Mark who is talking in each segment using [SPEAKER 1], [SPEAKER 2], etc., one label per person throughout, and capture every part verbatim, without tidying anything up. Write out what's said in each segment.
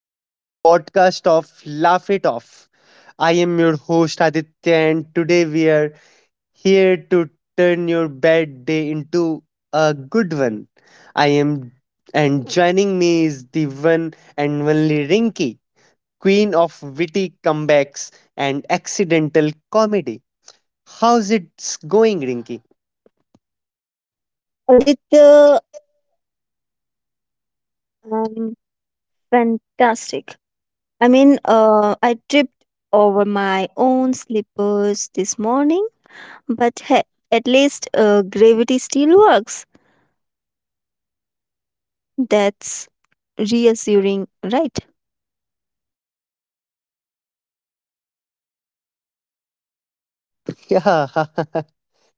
[SPEAKER 1] to the podcast of Laugh It Off. I am your host Aditya, and today we are here to turn your bad day into a good one. I am, and joining me is the one and only Rinky, queen of witty comebacks and accidental comedy. How's it going, Rinky?
[SPEAKER 2] Aditya, um, fantastic. I mean, uh, I tripped over my own slippers this morning, but hey, at least uh, gravity still works. That's reassuring, right?
[SPEAKER 1] Yeah.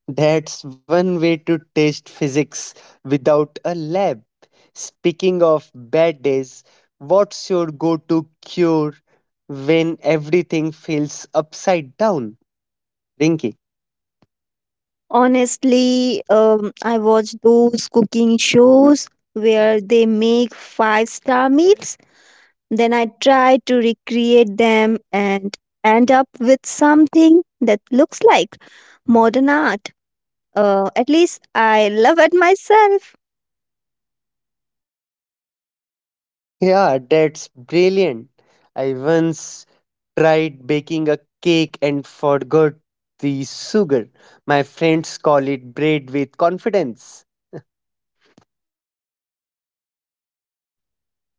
[SPEAKER 1] That's one way to test physics without a lab. Speaking of bad days, what's your go to cure when everything feels upside down? Rinky.
[SPEAKER 2] Honestly, um, I watch those cooking shows where they make five star meals, then I try to recreate them and end up with something that looks like modern art. Uh, at least I love at myself.
[SPEAKER 1] Yeah, that's brilliant. I once tried baking a cake and forgot the sugar. My friends call it bread with confidence.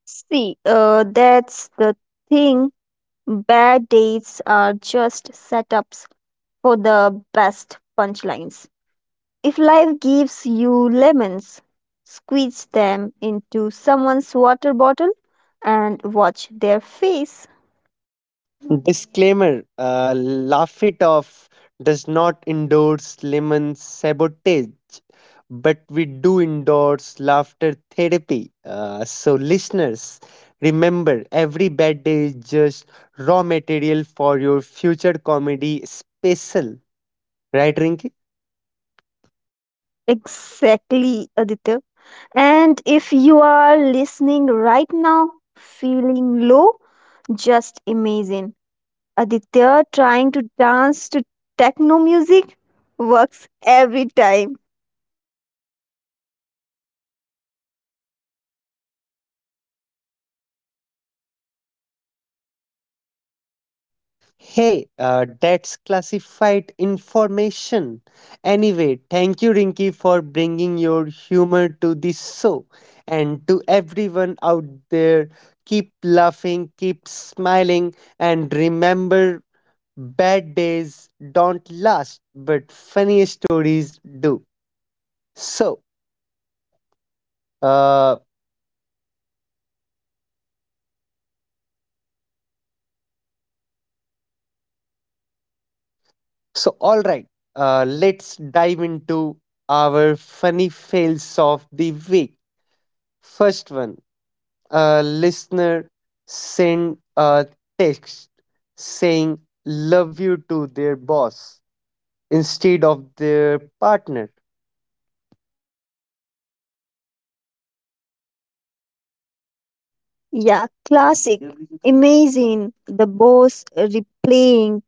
[SPEAKER 2] See, uh, that's the thing. Bad dates are just setups for the best punchlines. If life gives you lemons, squeeze them into someone's water bottle and watch their face.
[SPEAKER 1] Disclaimer, uh, Laugh It Off does not endorse lemon sabotage, but we do endorse laughter therapy. Uh, so, listeners, remember every bad day is just raw material for your future comedy special. Right, Rinky?
[SPEAKER 2] Exactly, Aditya. And if you are listening right now, feeling low, just imagine Aditya trying to dance to techno music works every time.
[SPEAKER 1] Hey, uh, that's classified information. Anyway, thank you, Rinky, for bringing your humor to this show. And to everyone out there, keep laughing, keep smiling, and remember bad days don't last, but funny stories do. So, uh, so all right, uh, let's dive into our funny fails of the week. First one, a listener sent a text saying love you to their boss instead of their partner.
[SPEAKER 2] Yeah, classic. Imagine the boss replaying.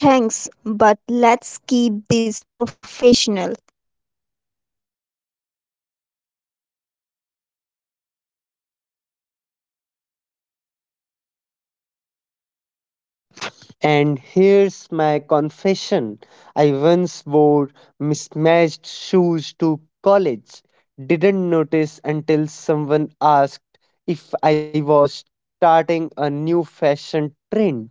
[SPEAKER 2] Thanks, but let's keep this professional.
[SPEAKER 1] And here's my confession: I once wore mismatched shoes to college, didn't notice until someone asked if I was starting a new fashion trend.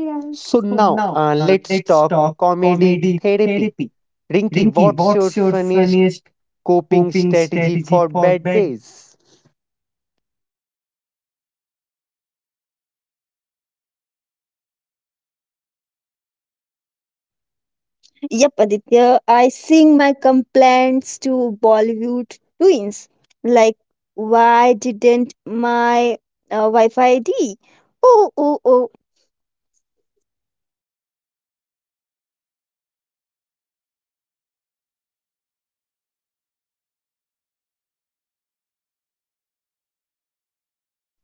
[SPEAKER 2] Yeah.
[SPEAKER 1] So
[SPEAKER 2] So
[SPEAKER 1] now
[SPEAKER 2] now
[SPEAKER 1] uh,
[SPEAKER 2] uh,
[SPEAKER 1] let's
[SPEAKER 2] let's
[SPEAKER 1] talk
[SPEAKER 2] talk
[SPEAKER 1] comedy
[SPEAKER 2] comedy
[SPEAKER 1] therapy.
[SPEAKER 2] therapy.
[SPEAKER 1] Rinky,
[SPEAKER 2] Rinki,
[SPEAKER 1] what's your
[SPEAKER 2] what's your
[SPEAKER 1] funniest
[SPEAKER 2] funniest
[SPEAKER 1] coping
[SPEAKER 2] coping
[SPEAKER 1] strategy
[SPEAKER 2] strategy
[SPEAKER 1] for
[SPEAKER 2] for
[SPEAKER 1] bad
[SPEAKER 2] bed?
[SPEAKER 1] days?
[SPEAKER 2] Yep, Aditya, I sing my complaints to Bollywood twins. Like, why didn't my uh, Wi Fi I D? Oh, oh, oh.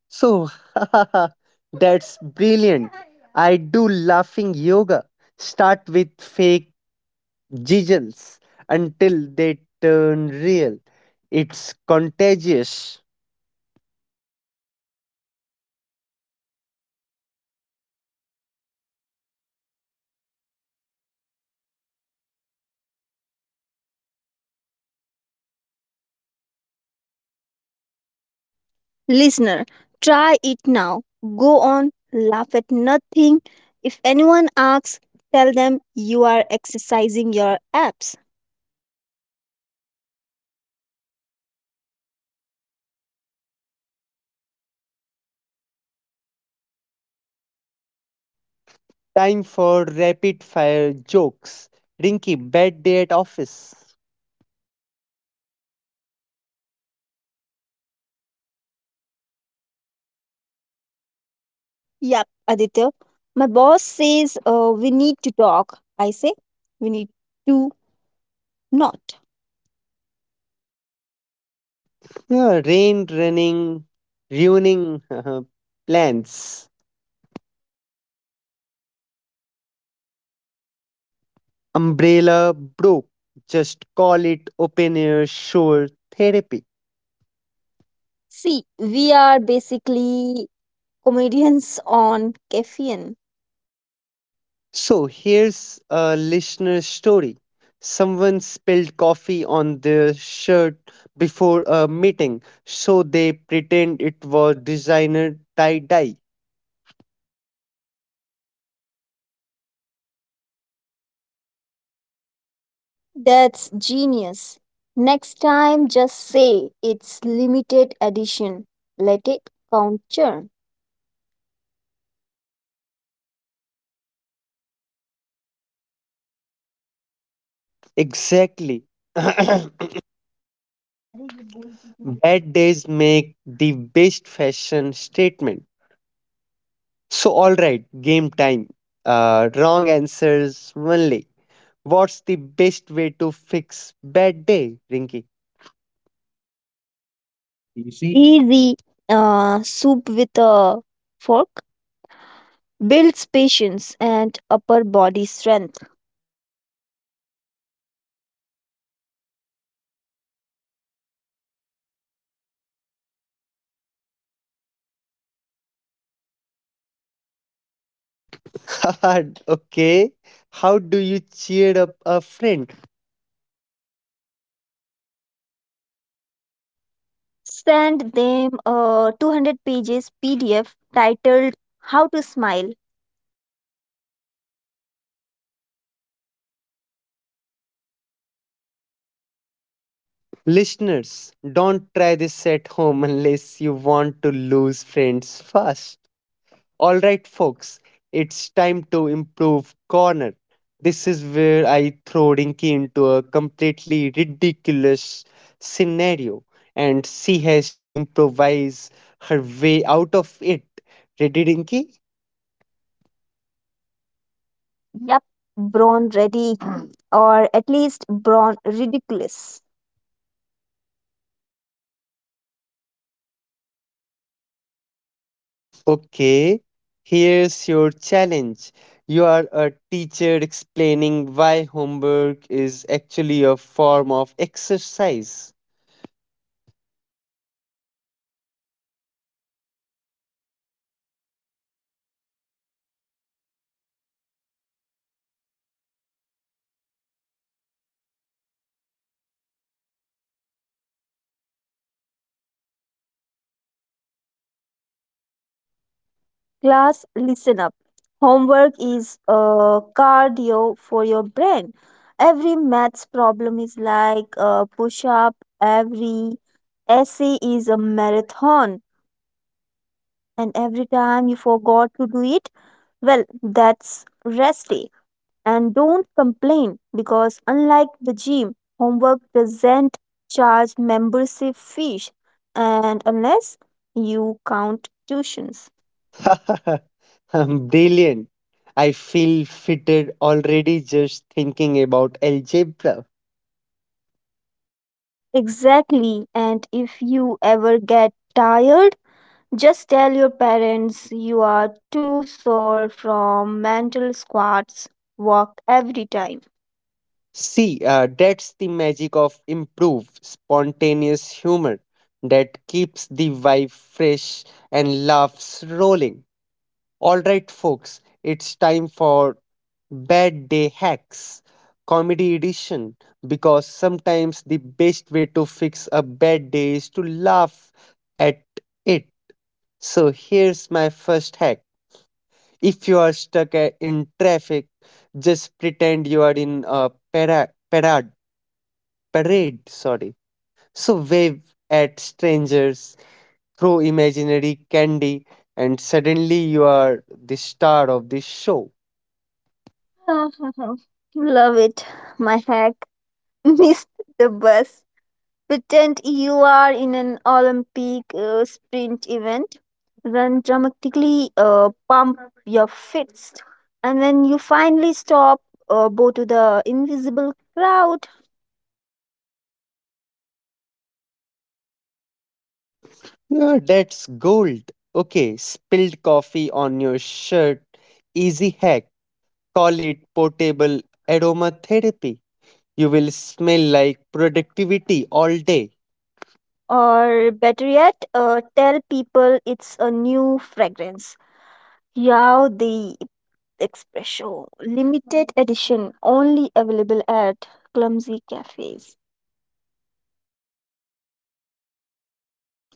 [SPEAKER 1] So, that's brilliant. I do laughing yoga. Start with fake jiggles until they turn real. It's contagious.
[SPEAKER 2] Listener, try it now. Go on, laugh at nothing. If anyone asks, tell them you are exercising your apps.
[SPEAKER 1] Time for rapid fire jokes. Rinky, bad day at office.
[SPEAKER 2] Yep, Aditya. My boss says uh, we need to talk. I say we need to not.
[SPEAKER 1] Yeah, rain running, ruining plans. Umbrella broke. Just call it open air shore therapy.
[SPEAKER 2] See, we are basically comedians on caffeine.
[SPEAKER 1] So here's a listener story. Someone spilled coffee on their shirt before a meeting, so they pretend it was designer tie dye.
[SPEAKER 2] That's genius. Next time, just say it's limited edition. Let it count churn.
[SPEAKER 1] Exactly. Bad days make the best fashion statement. So, all right, game time. Uh, wrong answers only. What's the best way to fix bad day, Rinky?
[SPEAKER 2] Easy. Easy. Uh, soup with a fork. Builds patience and upper body strength.
[SPEAKER 1] Hard. Okay. How do you cheer up a friend?
[SPEAKER 2] Send them a two hundred pages P D F titled How to Smile.
[SPEAKER 1] Listeners, don't try this at home unless you want to lose friends fast. All right, folks, it's time to improve corner. This is where I throw Dinky into a completely ridiculous scenario, and she has to improvise her way out of it. Ready, Dinky?
[SPEAKER 2] Yep, Brawn Ready, or at least Brawn Ridiculous.
[SPEAKER 1] Okay, here's your challenge. You are a teacher explaining why homework is actually a form of exercise.
[SPEAKER 2] Class, listen up. Homework is uh, cardio for your brain. Every maths problem is like a push up, every essay is a marathon, and every time you forgot to do it, well, that's rest day. And don't complain because, unlike the gym, homework doesn't charge membership fees, and unless you count tuitions.
[SPEAKER 1] I'm brilliant. I feel fitted already just thinking about algebra.
[SPEAKER 2] Exactly. And if you ever get tired, just tell your parents you are too sore from mental squats. Walk every time.
[SPEAKER 1] See, uh, that's the magic of improv, spontaneous humor that keeps the vibe fresh and laughs rolling. Alright, folks, it's time for Bad Day Hacks, Comedy Edition, because sometimes the best way to fix a bad day is to laugh at it. So here's my first hack. If you are stuck a- in traffic, just pretend you are in a para- parade, parade, sorry. So wave at strangers, throw imaginary candy, and suddenly you are the star of the show.
[SPEAKER 2] Love it. My hack. Missed the bus. Pretend you are in an Olympic uh, sprint event. Run dramatically, uh, pump your fist. And when you finally stop, uh, go to the invisible crowd.
[SPEAKER 1] Yeah, that's gold. Okay, spilled coffee on your shirt. Easy hack. Call it portable aromatherapy. You will smell like productivity all day.
[SPEAKER 2] Or better yet, uh, tell people it's a new fragrance. Yao the Espresso, limited edition, only available at clumsy cafes.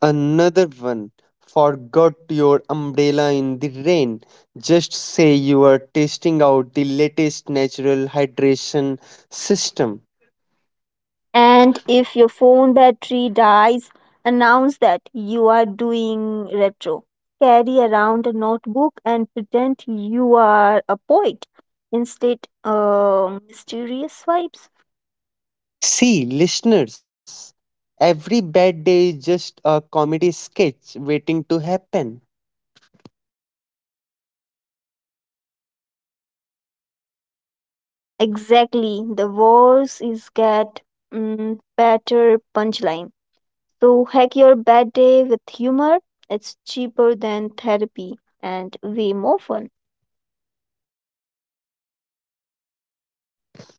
[SPEAKER 1] Another one. Forgot your umbrella in the rain. Just say you are testing out the latest natural hydration system.
[SPEAKER 2] And if your phone battery dies, announce that you are doing retro. Carry around a notebook and pretend you are a poet. Instead, uh, mysterious vibes.
[SPEAKER 1] See, listeners, every bad day is just a comedy sketch waiting to happen.
[SPEAKER 2] Exactly. The worse is get mm, better punchline. So hack your bad day with humor. It's cheaper than therapy and way more fun.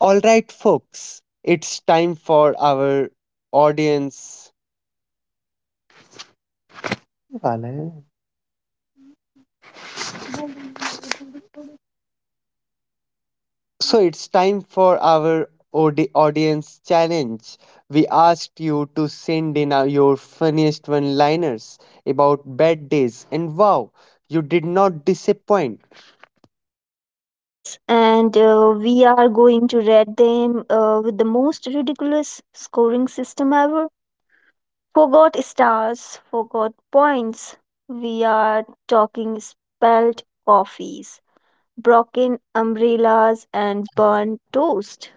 [SPEAKER 1] All right, folks, it's time for our audience. वाला है। So it's time for our audi- audience challenge. We asked you to send in uh, your funniest one liners about bad days, and wow, you did not disappoint.
[SPEAKER 2] Yes, and uh, we are going to rate them uh, with the most ridiculous scoring system ever. Forgot stars, forgot points. We are talking spelled coffees, broken umbrellas, and burnt toast.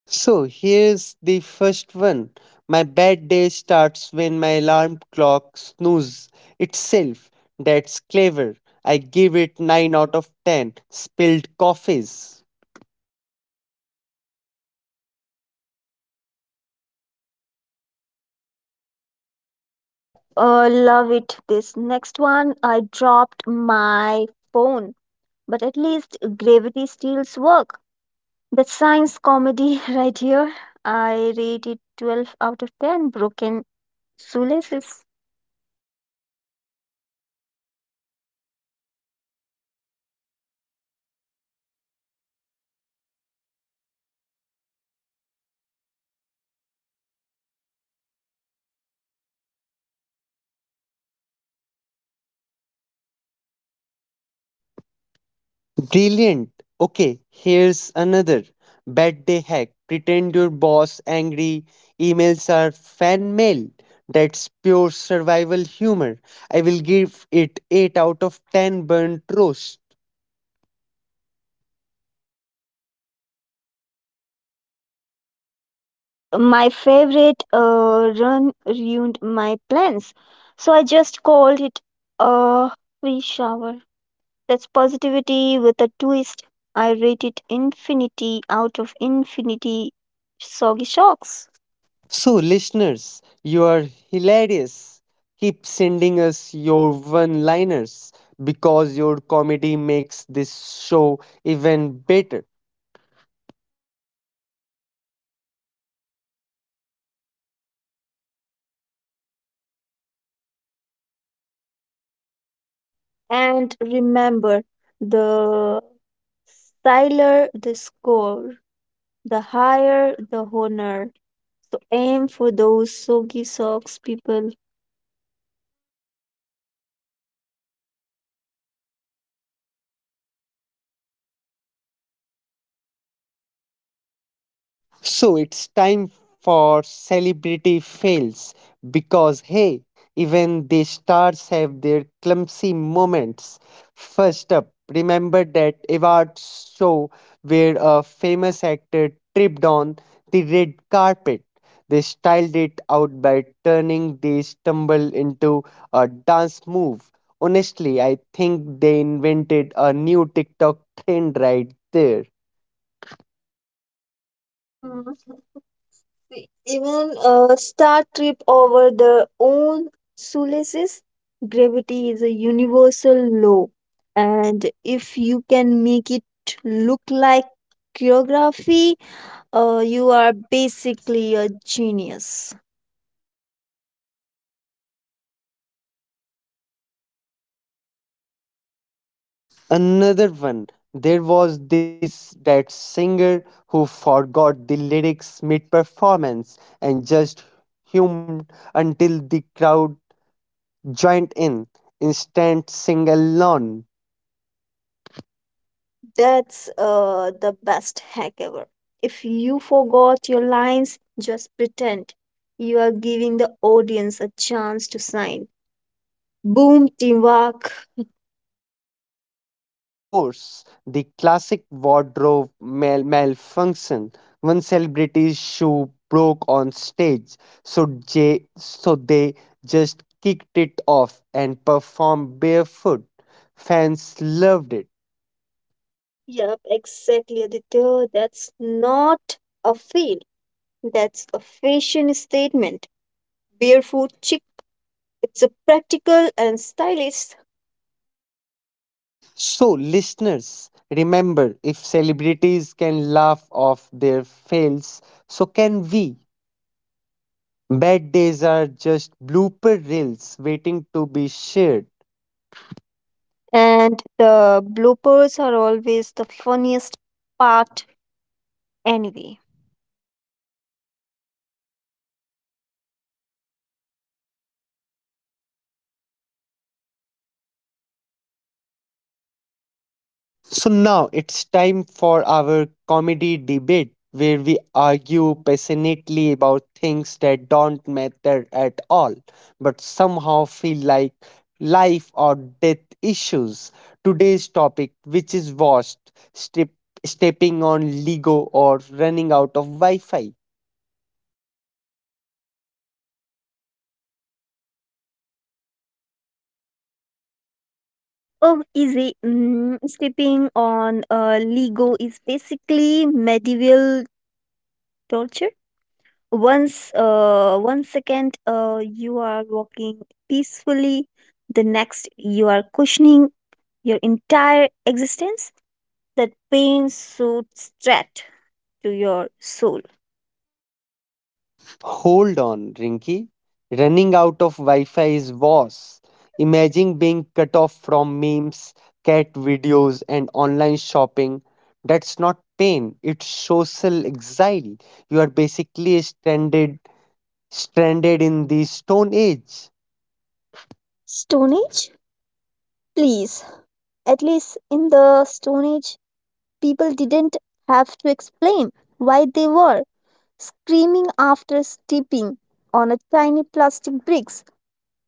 [SPEAKER 1] So here's the first one: my bad day starts when my alarm clock snooze itself. That's clever. I give it nine out of ten. Spilled coffees.
[SPEAKER 2] Yep, uh, love it. This next one, I dropped my phone, but at least gravity steals work. That's science comedy right here. I rate it twelve out of ten, broken shoelaces.
[SPEAKER 1] Brilliant. Okay, here's another bad day hack. Pretend your boss angry emails are fan mail. That's pure survival humor. I will give it eight out of ten burnt roast.
[SPEAKER 2] तो भाई, and my favorite uh, run ruined my plans. So I just called it a free shower. That's positivity with a twist. I rate it infinity out of infinity soggy shocks.
[SPEAKER 1] So listeners, you are hilarious. Keep sending us your one-liners because your comedy makes this show even better.
[SPEAKER 2] And remember, the styler the score, the higher the honor. So aim for those soggy socks, people.
[SPEAKER 1] So it's time for celebrity fails because hey, even the stars have their clumsy moments. First up, remember that award show where a famous actor tripped on the red carpet. They styled it out by turning the stumble into a dance move. Honestly, I think they invented a new TikTok trend right there.
[SPEAKER 2] Hmm. Even a star trip over their own solaces, gravity is a universal law. And if you can make it look like choreography, uh, you are basically a genius.
[SPEAKER 1] Another one, there was this that singer who forgot the lyrics mid performance and just hummed until the crowd joined in. Instant sing along.
[SPEAKER 2] That's uh, the best hack ever. If you forgot your lines, just pretend you are giving the audience a chance to sign. Boom, teamwork.
[SPEAKER 1] And of course, the classic wardrobe mal- malfunction. One celebrity's shoe broke on stage, so, J- so they just kicked it off and performed barefoot. Fans loved it.
[SPEAKER 2] Yep, exactly, Aditya. That's not a fail. That's a fashion statement. Barefoot chic. It's a practical and stylish.
[SPEAKER 1] So, listeners, remember if celebrities can laugh off their fails, so can we. Bad days are just blooper reels waiting to be shared.
[SPEAKER 2] And the bloopers are always the funniest part anyway.
[SPEAKER 1] So now it's time for our comedy debate where we argue passionately about things that don't matter at all but somehow feel like life or death issues. Today's topic, which is washed, strip, stepping on Lego or running out of Wi Fi?
[SPEAKER 2] Oh, easy. Mm, stepping on a Lego is basically medieval torture. Once, uh, one second, uh, you are walking peacefully. The next, you are cushioning your entire existence. That pain shoots straight to your soul.
[SPEAKER 1] Hold on, Rinky. Running out of Wi Fi is worse. Imagine being cut off from memes, cat videos, and online shopping. That's not pain, it's social exile. You are basically stranded stranded in the stone age.
[SPEAKER 2] Stone Age? Please. At least in the Stone Age, people didn't have to explain why they were screaming after stepping on a tiny plastic bricks.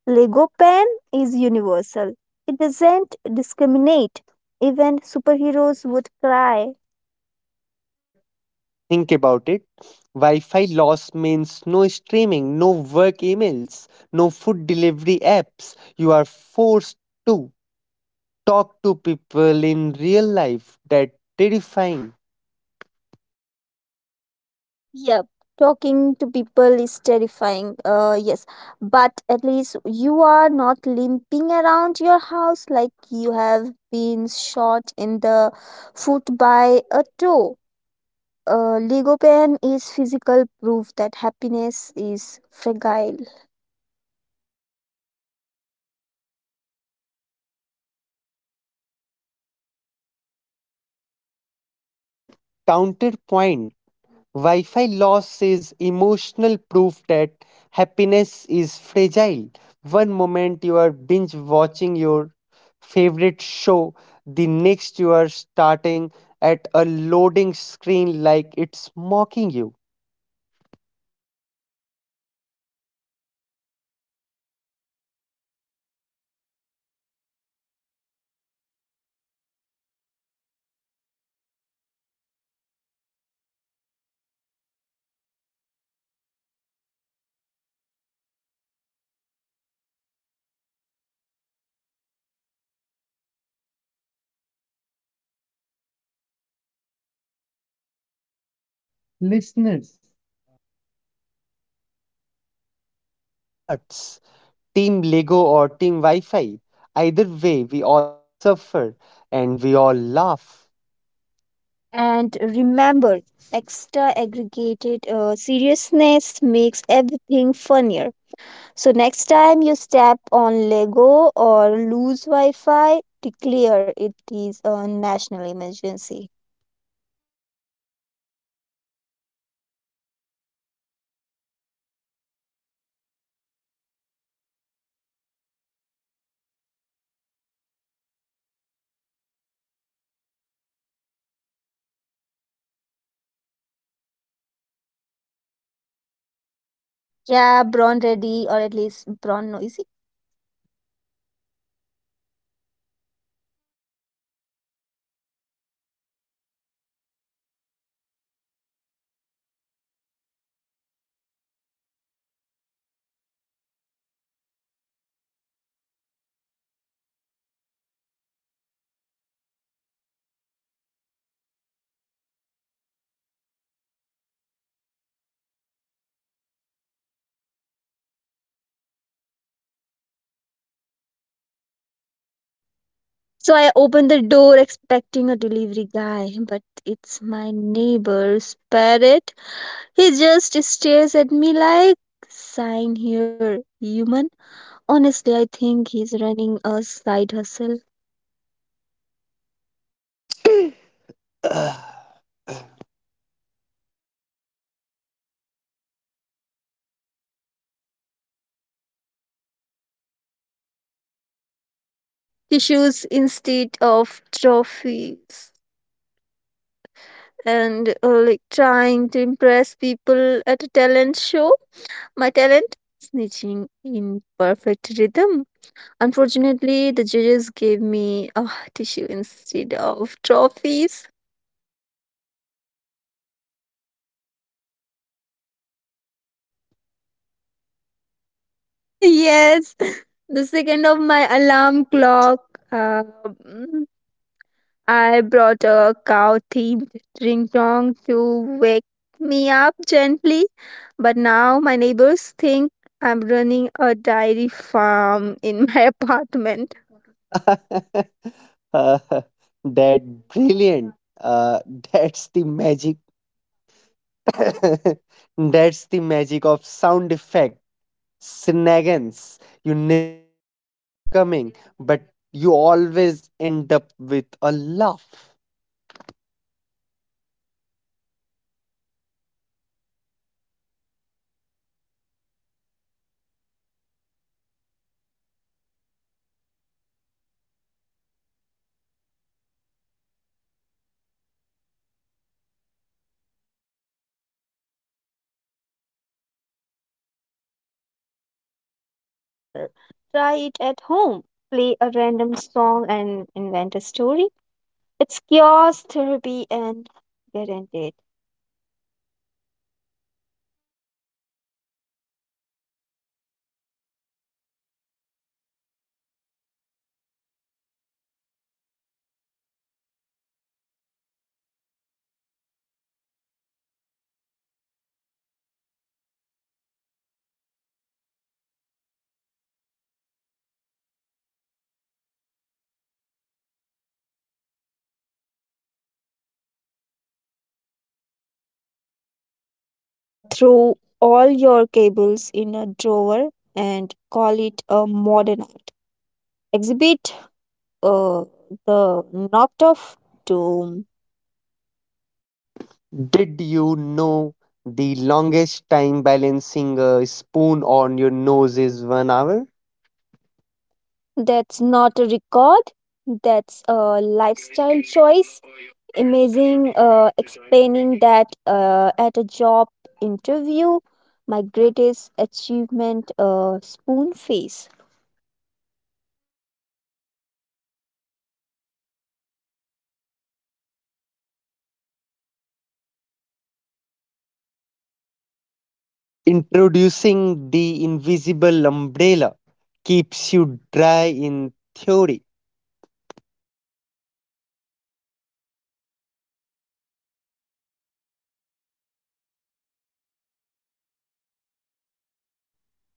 [SPEAKER 2] Lego pen is universal. It doesn't discriminate. Even superheroes would cry.
[SPEAKER 1] Ah, but think about it. Wi-Fi loss means no streaming, no work emails, no food delivery apps. You are forced to talk to people in real life. That terrifying
[SPEAKER 2] Yep, talking to people is terrifying. Uh, yes, but at least you are not limping around your house like you have been shot in the foot by a toe. Uh, Lego pen is physical proof that happiness is fragile.
[SPEAKER 1] counterpoint: wi-fi loss is emotional proof that happiness is fragile. One moment you are binge watching your favorite show, the next you are starting at a loading screen like it's mocking you.
[SPEAKER 2] Fine, uh, let's settle this. Lego pain uh, lasts five minutes. Wi-Fi pain lasts until the router decides to forgive you, which is worse depends on your pain tolerance and your date data plan.
[SPEAKER 1] Listeners, uh, you decide. Vote in your hearts: Team Lego or Team Wi Fi. Either way, we all suffer and we all laugh.
[SPEAKER 2] And remember, extra aggregated uh, seriousness makes everything funnier. So next time you step on Lego or lose Wi-Fi, declare it is a national emergency.
[SPEAKER 1] And now it's time for sound effect shenanigans. Yeah, shenanigans. I will play a random sound and Rinky has to spin a mini story around it instantly. Ready, Rinky?
[SPEAKER 2] Yeah, brown ready, or at least brown noisy.
[SPEAKER 1] So, uh, ding dong. Ding dong.
[SPEAKER 2] So I open the door expecting a delivery guy, but it's my neighbor's parrot. He just stares at me like, sign here, human. Honestly, I think he's running a side hustle.
[SPEAKER 1] Ugh.
[SPEAKER 2] Yeah, that was me. Tissues instead of trophies. And uh, like trying to impress people at a talent show. My talent, snitching in perfect rhythm. Unfortunately, the judges gave me a tissue instead of trophies.
[SPEAKER 1] Moo.
[SPEAKER 2] Oh, yes. The second of my alarm clock. Uh, mm, I brought a cow themed ring dong to wake me up gently, but now my neighbors think I'm running a dairy farm in my apartment.
[SPEAKER 1] uh, that brilliant. Uh, that's the magic. That's the magic of sound effect shenanigans. You never know what's coming, but you always end up with a laugh.
[SPEAKER 2] And listener, try it at home. Play a random song and invent a story. It's chaos therapy and guaranteed.
[SPEAKER 1] All right, folks. Times for comedy life hacks. Here's one: use binder clips to organize cables. Simple, neat, effective.
[SPEAKER 2] Or just uh, throw all your cables in a drawer and call it a modern art exhibit, uh, the knocked off doom.
[SPEAKER 1] Did you know the longest time balancing a spoon on your nose is one hour?
[SPEAKER 2] That's not a record. That's a lifestyle choice. Amazing uh, explaining that uh, at a job interview. My greatest achievement, uh, spoon face.
[SPEAKER 1] Introducing the invisible umbrella keeps you dry in theory.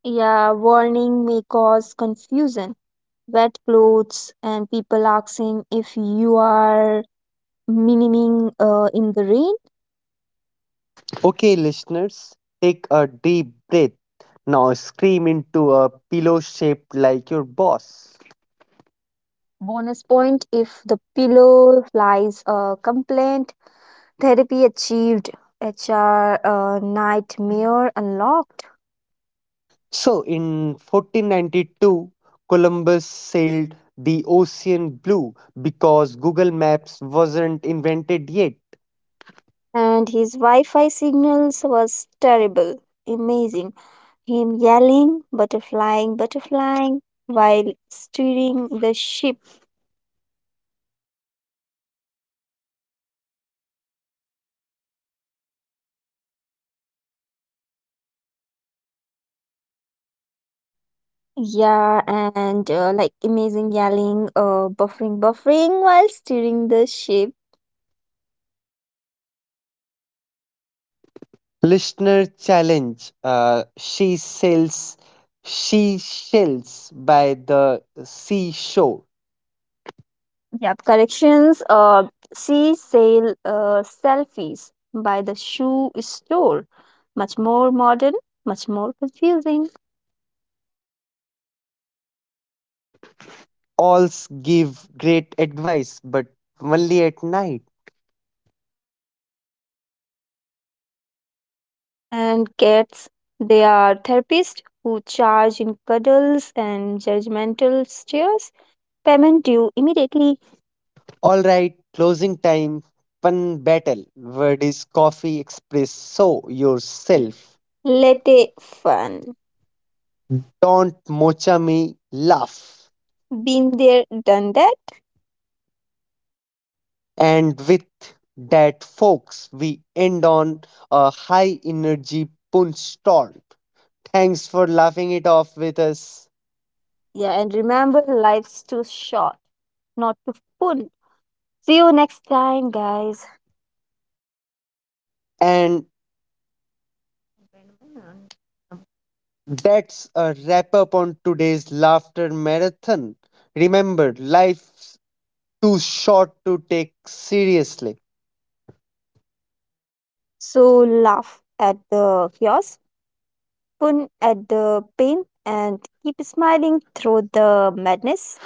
[SPEAKER 2] Yeah, warning may cause confusion, wet clothes, and people asking if you are miniming uh, in the rain.
[SPEAKER 1] Okay, listeners, take a deep breath. Now scream into a pillow shaped like your boss.
[SPEAKER 2] Bonus point if the pillow flies a complaint. Therapy achieved. H R uh, nightmare unlocked.
[SPEAKER 1] So, in fourteen ninety-two, Columbus sailed the ocean blue because Google Maps wasn't invented yet.
[SPEAKER 2] And his Wi Fi signals was terrible. Amazing. Him yelling, butterflying, butterflying while steering the ship. Yeah, and uh, like amazing yelling, uh, buffering, buffering while steering the ship.
[SPEAKER 1] Listener challenge. Uh, she sells she shells by the seashore.
[SPEAKER 2] Yep, corrections. Uh, sea sail uh, selfies by the shoe store. Much more modern, much more confusing.
[SPEAKER 1] Alls give great advice, but only at night.
[SPEAKER 2] And cats, they are therapists who charge in cuddles and judgmental stares. Payment due immediately.
[SPEAKER 1] All right, closing time. Pun battle. Word is coffee. Express so
[SPEAKER 2] Same.
[SPEAKER 1] yourself.
[SPEAKER 2] Let it fun.
[SPEAKER 1] Don't mocha me. Laugh.
[SPEAKER 2] Been there, done that.
[SPEAKER 1] And with that, folks, we end on a high energy punch talk. Thanks for laughing it off with us.
[SPEAKER 2] Yeah, and remember, life's too short not to pull. See you next time, guys.
[SPEAKER 1] And that's a wrap up on today's laughter marathon. Remember, life's too short to take seriously.
[SPEAKER 2] So laugh at the chaos, pun at the pain, and keep smiling through the madness.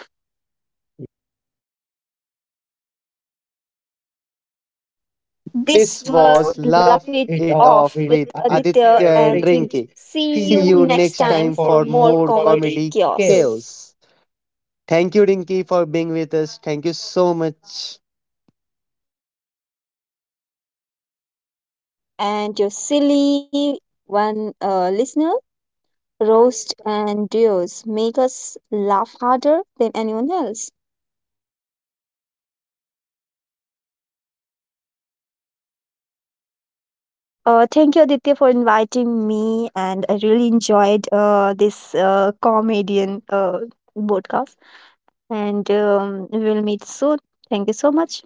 [SPEAKER 2] This This
[SPEAKER 1] This
[SPEAKER 2] was was
[SPEAKER 1] was
[SPEAKER 2] Laugh Laugh
[SPEAKER 1] Laugh
[SPEAKER 2] It It
[SPEAKER 1] It
[SPEAKER 2] Off
[SPEAKER 1] Off
[SPEAKER 2] Off with
[SPEAKER 1] with
[SPEAKER 2] with Aditya
[SPEAKER 1] Aditya
[SPEAKER 2] Aditya and
[SPEAKER 1] and
[SPEAKER 2] and Rinki. Ringy.
[SPEAKER 1] Rinki.
[SPEAKER 2] See See you
[SPEAKER 1] See
[SPEAKER 2] you
[SPEAKER 1] you
[SPEAKER 2] next next
[SPEAKER 1] next
[SPEAKER 2] time
[SPEAKER 1] time
[SPEAKER 2] time for for
[SPEAKER 1] for
[SPEAKER 2] more more
[SPEAKER 1] more
[SPEAKER 2] comedy comedy
[SPEAKER 1] comedy
[SPEAKER 2] chaos. Chaos.
[SPEAKER 1] chaos. Thank you, Rinki, for being with us. Thank you so much.
[SPEAKER 2] And your silly one uh, listener, roast and duos make us laugh harder than anyone else. Uh, thank you, Aditya, for inviting me, and I really enjoyed uh, this uh, comedian uh, podcast. And um, we'll meet soon. Thank you so much.